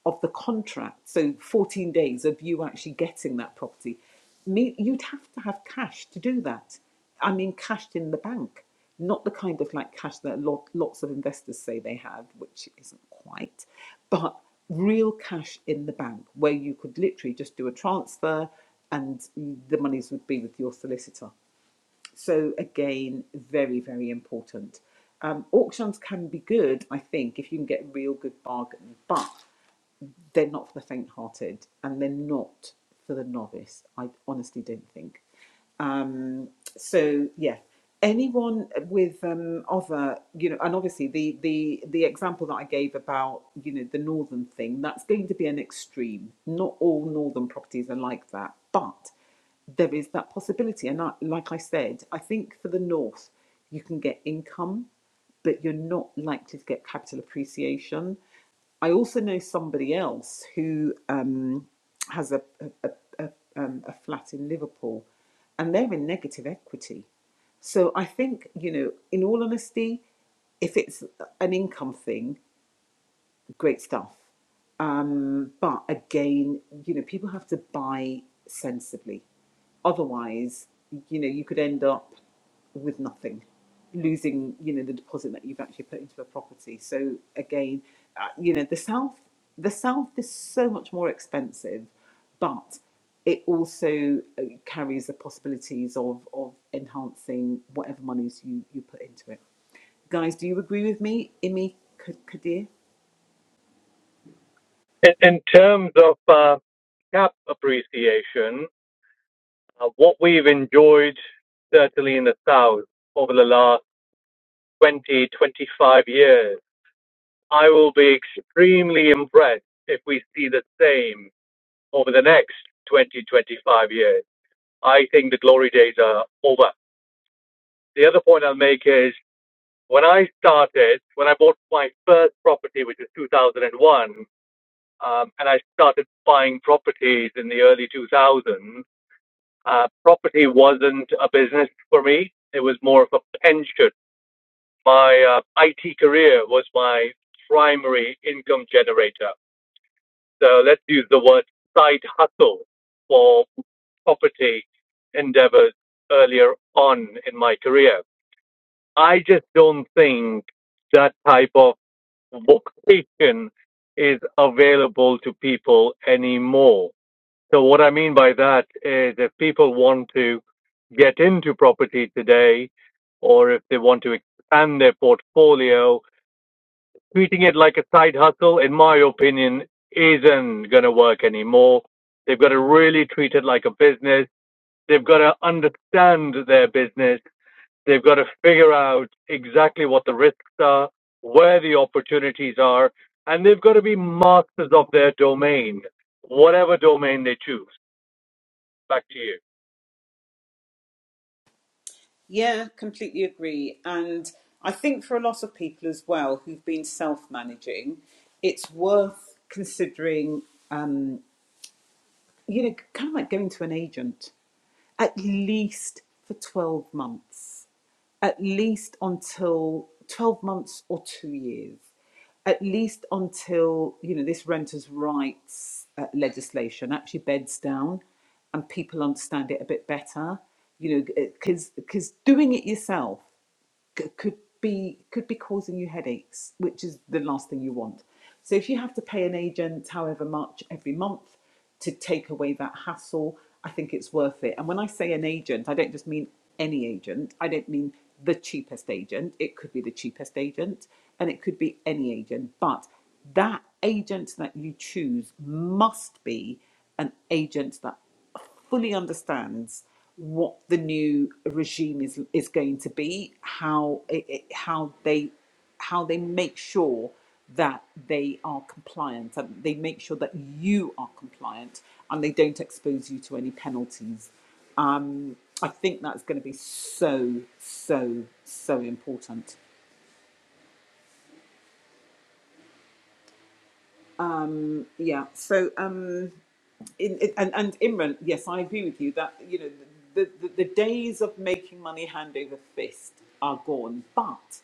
of the contract. So 14 days of you actually getting that property. Me, you'd have to have cash to do that. I mean, cashed in the bank, not the kind of like cash that lot, lots of investors say they have, which isn't quite, but real cash in the bank where you could literally just do a transfer and the monies would be with your solicitor. So again, very, very important. Um, auctions can be good, I think, if you can get real good bargain. but they're not for the faint-hearted and they're not for the novice. I honestly don't think. Um, so yeah, anyone with um, other, you know, and obviously the the the example that I gave about you know the northern thing that's going to be an extreme. Not all northern properties are like that, but there is that possibility. And I, like I said, I think for the north you can get income but you're not likely to get capital appreciation. I also know somebody else who um, has a, a, a, a, um, a flat in Liverpool and they're in negative equity. So I think, you know, in all honesty, if it's an income thing, great stuff. Um, but again, you know, people have to buy sensibly. Otherwise, you know, you could end up with nothing, losing, you know, the deposit that you've actually put into a property. So again, uh, you know, the south, the south is so much more expensive, but it also uh, carries the possibilities of of enhancing whatever monies you you put into it. Guys, do you agree with me, Imi K- Kadir?
In, in terms of uh, cap appreciation, uh, what we've enjoyed certainly in the South over the last 20, 25 years, I will be extremely impressed if we see the same over the next 20, 25 years. I think the glory days are over. The other point I'll make is when I started, when I bought my first property, which was 2001, um, and I started buying properties in the early 2000s, uh, property wasn't a business for me. It was more of a pension. My uh, IT career was my primary income generator. So let's use the word side hustle for property endeavors earlier on in my career. I just don't think that type of vocation is available to people anymore. So what I mean by that is if people want to get into property today or if they want to expand their portfolio treating it like a side hustle, in my opinion, isn't going to work anymore. They've got to really treat it like a business. They've got to understand their business. They've got to figure out exactly what the risks are, where the opportunities are, and they've got to be masters of their domain, whatever domain they choose. Back to you.
Yeah, completely agree. And I think for a lot of people as well who've been self managing, it's worth considering, um, you know, kind of like going to an agent at least for 12 months, at least until 12 months or two years, at least until, you know, this renters' rights uh, legislation actually beds down and people understand it a bit better, you know, because because doing it yourself c- could be could be causing you headaches, which is the last thing you want. So if you have to pay an agent however much every month to take away that hassle, I think it's worth it. And when I say an agent, I don't just mean any agent. I don't mean the cheapest agent. It could be the cheapest agent and it could be any agent, but that agent that you choose must be an agent that fully understands what the new regime is is going to be, how it, it- how they how they make sure that they are compliant and they make sure that you are compliant and they don't expose you to any penalties. Um, I think that's going to be so so so important. Yeah. So. Um, in, in- and and Imran, yes, I agree with you that you know the, the the days of making money hand over fist are gone. But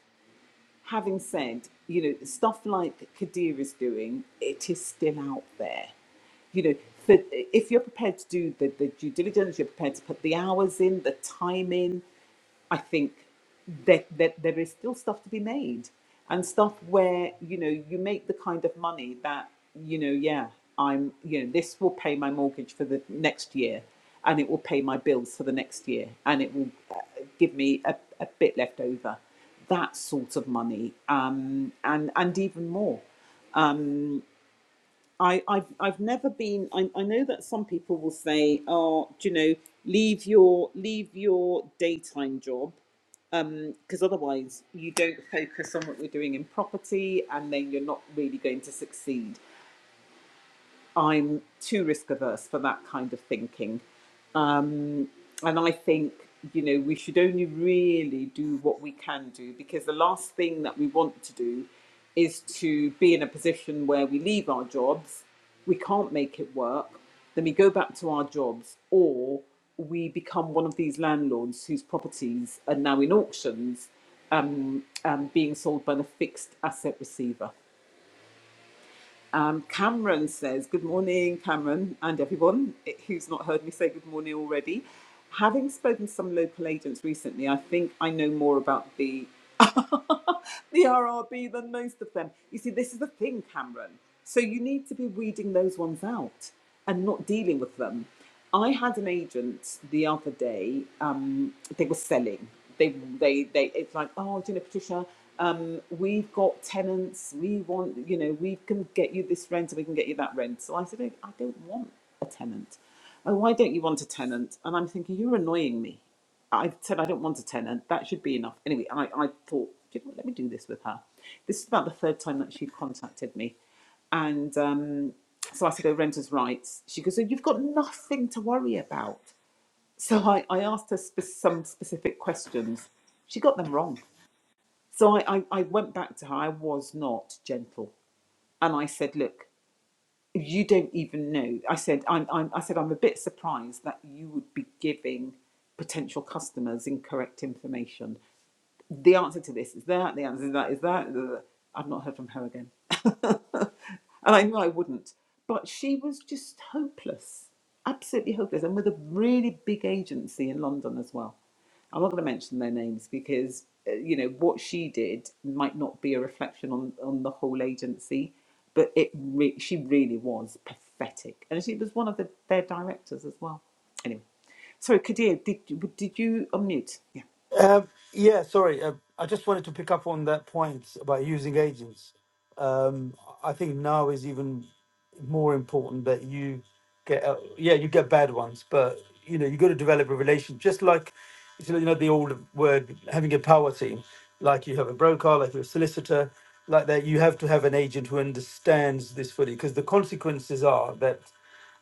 having said, you know, stuff like Kadir is doing, it is still out there. You know, for, if you're prepared to do the, the due diligence, you're prepared to put the hours in, the time in. I think that that there is still stuff to be made and stuff where you know you make the kind of money that you know yeah I'm you know this will pay my mortgage for the next year and it will pay my bills for the next year and it will uh, give me a, a bit left over that sort of money um, and and even more. I, I've I've never been. I, I know that some people will say, "Oh, do you know, leave your leave your daytime job because um, otherwise you don't focus on what we're doing in property and then you're not really going to succeed. I'm too risk averse for that kind of thinking. Um, and I think, you know, we should only really do what we can do because the last thing that we want to do is to be in a position where we leave our jobs, we can't make it work, then we go back to our jobs, or we become one of these landlords whose properties are now in auctions um, um, being sold by the fixed asset receiver. Um, Cameron says, Good morning, Cameron, and everyone who's not heard me say good morning already. Having spoken to some local agents recently, I think I know more about the the RRB than most of them. You see, this is the thing, Cameron. So you need to be weeding those ones out and not dealing with them. I had an agent the other day. Um, they were selling. They, they, they. It's like, oh, do you know, Patricia, um, we've got tenants. We want, you know, we can get you this rent, and we can get you that rent. So I said, I I don't want a tenant. Oh, why don't you want a tenant? And I'm thinking, you're annoying me. I said I don't want a tenant. That should be enough. Anyway, I, I thought, you know what, let me do this with her. This is about the third time that she contacted me. And um, so I said, oh, renters' rights. She goes, oh, you've got nothing to worry about. So I, I asked her spe- some specific questions. She got them wrong. So I, I, I went back to her. I was not gentle. And I said, look, you don't even know. I said, I'm, I'm, I said, I'm a bit surprised that you would be giving potential customers incorrect information the answer to this is that, the answer to that is that. blah, blah, blah. I've not heard from her again. and I knew I wouldn't. But she was just hopeless, absolutely hopeless, and with a really big agency in London as well. I'm not going to mention their names because, uh, you know, what she did might not be a reflection on, on the whole agency, but it re- she really was pathetic. And she was one of the, their directors as well. Anyway, sorry, Kadir, did, you- did you unmute? Yeah.
Uh, yeah, sorry. Uh, I just wanted to pick up on that point about using agents. Um, I think now is even more important that you get uh, yeah you get bad ones, but you know you got to develop a relation. Just like it's, you know the old word having a power team, like you have a broker, like you have a solicitor, like that. You have to have an agent who understands this fully because the consequences are that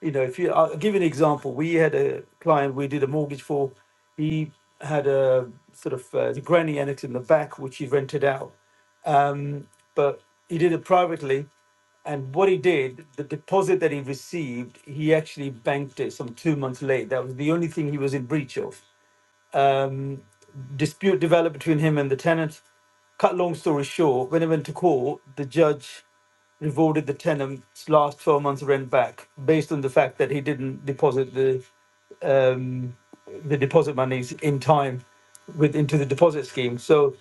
you know, if you, I'll give you an example. We had a client we did a mortgage for. He had a sort of uh, the granny annex in the back, which he rented out. Um, but he did it privately. And what he did, the deposit that he received, he actually banked it some two months late. That was the only thing he was in breach of. Um, dispute developed between him and the tenant. Cut long story short, when it went to court, the judge rewarded the tenant's last 12 months rent back based on the fact that he didn't deposit the um, the deposit monies in time with into the deposit scheme. So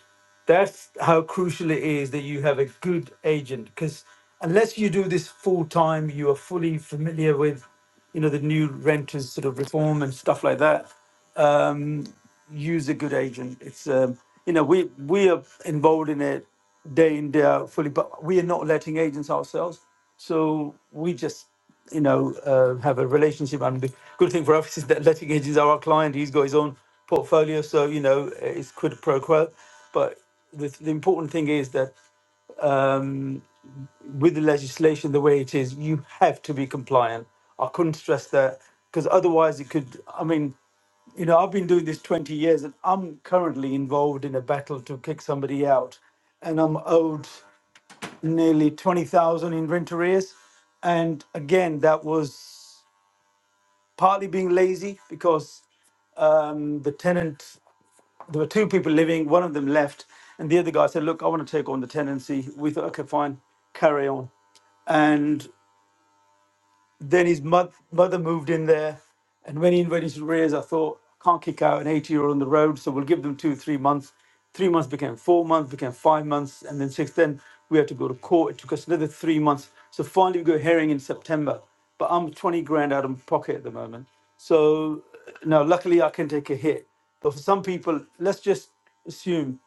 that's how crucial it is that you have a good agent because unless you do this full time, you are fully familiar with you know the new renters sort of reform and stuff like that use a good agent. It's um, you know we we are involved in it day in day out fully, but we are not letting agents ourselves. So we just you know uh, have a relationship, and the good thing for us is that letting agents are our client. He's got his own portfolio, so you know it's quid pro quo. But the, the important thing is that um, with the legislation the way it is, you have to be compliant. I couldn't stress that because otherwise it could. I mean, you know, I've been doing this 20 years and I'm currently involved in a battle to kick somebody out and I'm owed nearly 20,000 in rent arrears. And again, that was partly being lazy because um, the tenant there were two people living. One of them left, and the other guy said, "Look, I want to take on the tenancy." We thought, "Okay, fine, carry on." And then his mo- mother moved in there. And when he invited to raise, I thought, can't kick out an 80 year old on the road. So we'll give them two, three months. Three months became four months, became five months. And then six, then we had to go to court. It took us another three months. So finally, we got a hearing in September. But I'm 20 grand out of my pocket at the moment. So uh, now, luckily, I can take a hit. But for some people, let's just assume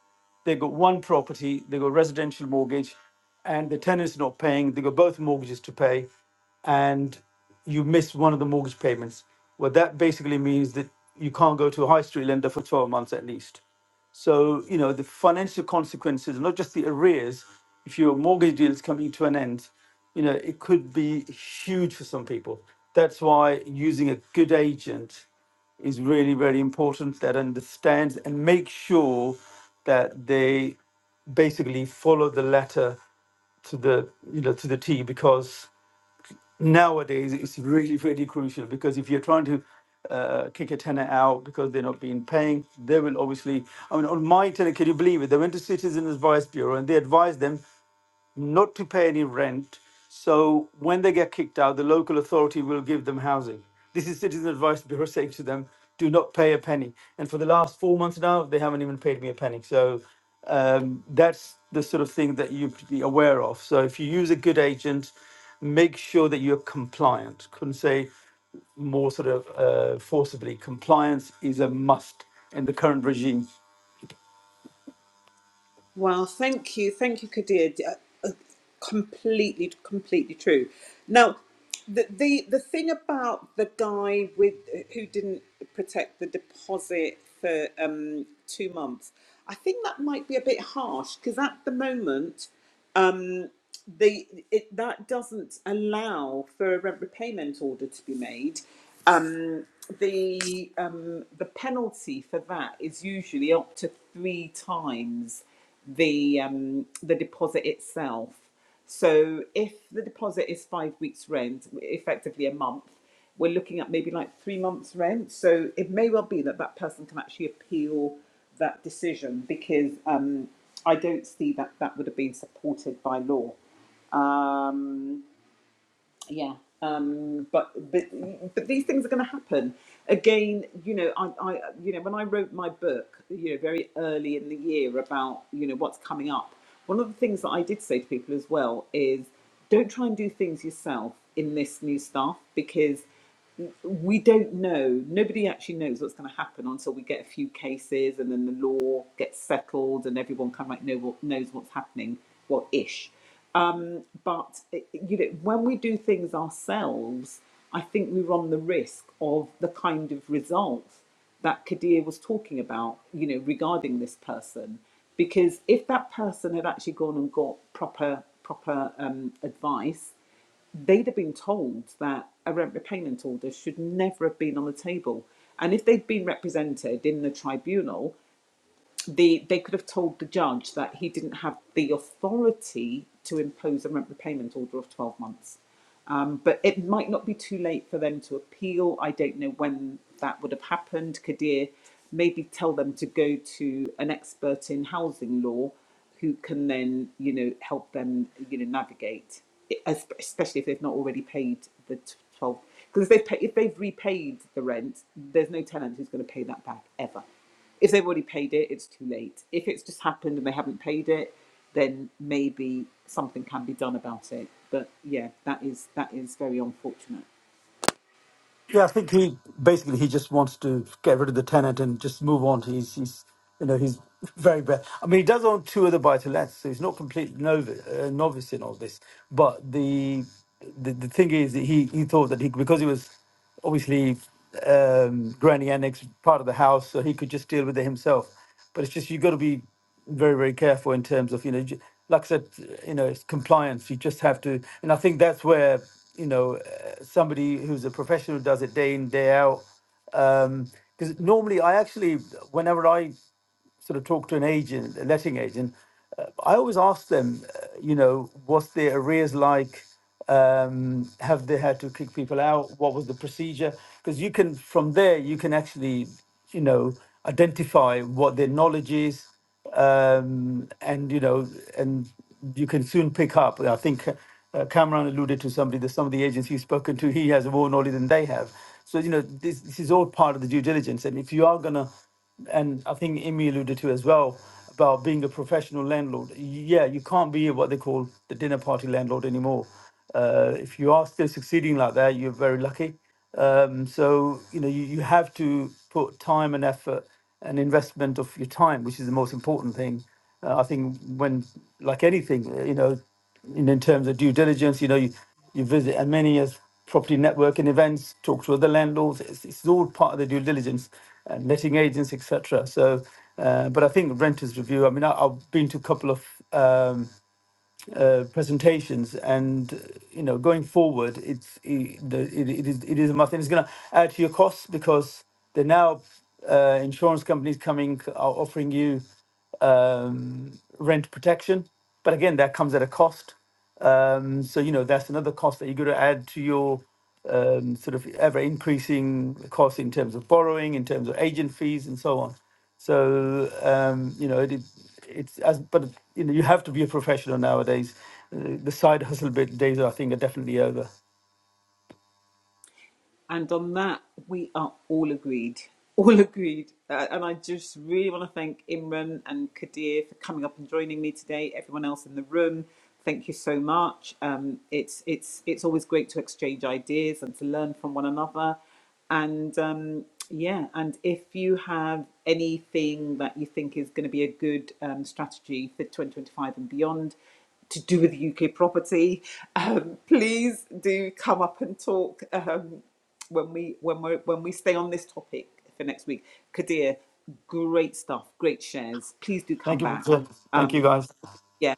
they got one property, they got residential mortgage, and the tenant's not paying. They got both mortgages to pay, and you miss one of the mortgage payments. Well, that basically means that you can't go to a high street lender for 12 months at least. So, you know, the financial consequences, not just the arrears, if your mortgage deal is coming to an end, you know, it could be huge for some people. That's why using a good agent is really, very important that understands and makes sure that they basically follow the letter to the you know to the T because nowadays it's really really crucial because if you're trying to uh, kick a tenant out because they're not being paying, they will obviously. I mean, on my tenant, can you believe it? They went to Citizens Advice Bureau and they advised them not to pay any rent. So when they get kicked out, the local authority will give them housing. This is Citizen Advice Bureau saying to them, do not pay a penny. And for the last four months now, they haven't even paid me a penny. So um, that's the sort of thing that you should be aware of. So if you use a good agent, make sure that you're compliant. Couldn't say more sort of uh, forcibly. Compliance is a must in the current regime.
Well, thank you, thank you, Kadir. D- uh, uh, Completely, completely true. Now, the the the thing about the guy with who didn't protect the deposit for um, two months, I think that might be a bit harsh because at the moment. um, the it that doesn't allow for a rent repayment order to be made. Um, the um, the penalty for that is usually up to three times the um, the deposit itself. So if the deposit is five weeks' rent, effectively a month, we're looking at maybe like three months' rent. So it may well be that that person can actually appeal that decision because um, I don't see that that would have been supported by law um, yeah um, but but but these things are going to happen again you know I, I you know when i wrote my book you know very early in the year about you know what's coming up one of the things that i did say to people as well is don't try and do things yourself in this new stuff because we don't know. Nobody actually knows what's going to happen until we get a few cases and then the law gets settled and everyone kind of like know what, knows what's happening, well, ish. Um, but eh, you know, when we do things ourselves, I think we run the risk of the kind of results that Kadir was talking about, you know, regarding this person. Because if that person had actually gone and got proper proper um, advice they'd have been told that a rent repayment order should never have been on the table. And if they'd been represented in the tribunal, the they could have told the judge that he didn't have the authority to impose a rent repayment order of 12 months. Um, but it might not be too late for them to appeal. I don't know when that would have happened. Kadir, maybe tell them to go to an expert in housing law who can then, you know, help them, you know, navigate, es- especially if they've not already paid the t- 12. Because if, they pay- if they've repaid the rent, there's no tenant who's going to pay that back ever. If they've already paid it, it's too late. If it's just happened and they haven't paid it, then maybe something can be done about it. But yeah, that is that is very unfortunate.
Yeah, I think he basically he just wants to get rid of the tenant and just move on. He's he's you know he's very bad. I mean, he does own two other buy to lets, so he's not completely novice, uh, novice in all this. But the the, the thing is, that he he thought that he because he was obviously um, granny annex part of the house, so he could just deal with it himself. But it's just you got to be very very careful in terms of you know j- like i said you know it's compliance you just have to and i think that's where you know uh, somebody who's a professional does it day in day out um because normally i actually whenever i sort of talk to an agent a letting agent uh, i always ask them uh, you know what's their arrears like um, have they had to kick people out? What was the procedure? Because you can, from there, you can actually, you know, identify what their knowledge is, um, and you know, and you can soon pick up. I think uh, Cameron alluded to somebody that some of the agents he's spoken to, he has more knowledge than they have. So you know, this this is all part of the due diligence. And if you are gonna, and I think Emmy alluded to as well about being a professional landlord. Yeah, you can't be what they call the dinner party landlord anymore. Uh, if you are still succeeding like that, you're very lucky. Um, so you know you, you have to put time and effort and investment of your time, which is the most important thing. Uh, I think when like anything, uh, you know, in, in terms of due diligence, you know, you, you visit as many as property networking events, talk to other landlords. It's, it's all part of the due diligence and letting agents, etc. So, uh, but I think renters review. I mean, I, I've been to a couple of. Um, uh, presentations and uh, you know going forward it's i- the it, it is it is a must and it's going to add to your costs because they're now uh, insurance companies coming are offering you um, rent protection but again that comes at a cost um, so you know that's another cost that you're going to add to your um, sort of ever increasing cost in terms of borrowing, in terms of agent fees, and so on. So um, you know it, is- it's as but you know you have to be a professional nowadays. Uh, The side hustle bit days I think are definitely over.
And on that, we are all agreed. All agreed. Uh, and I just really want to thank Imran and Kadir for coming up and joining me today. Everyone else in the room, thank you so much. Um, it's it's it's always great to exchange ideas and to learn from one another. And um, yeah, and if you have anything that you think is going to be a good um, strategy for 2025 and beyond, to do with UK property, um, please do come up and talk. Um, when we when we when we stay on this topic for next week. Kadir, great stuff, great shares. Please do
Thank
come
you,
back.
Richard. Thank you
Um,
guys.
yeah,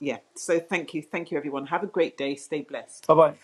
yeah. So thank you, thank you, everyone. Have a great day. Stay blessed.
Bye bye.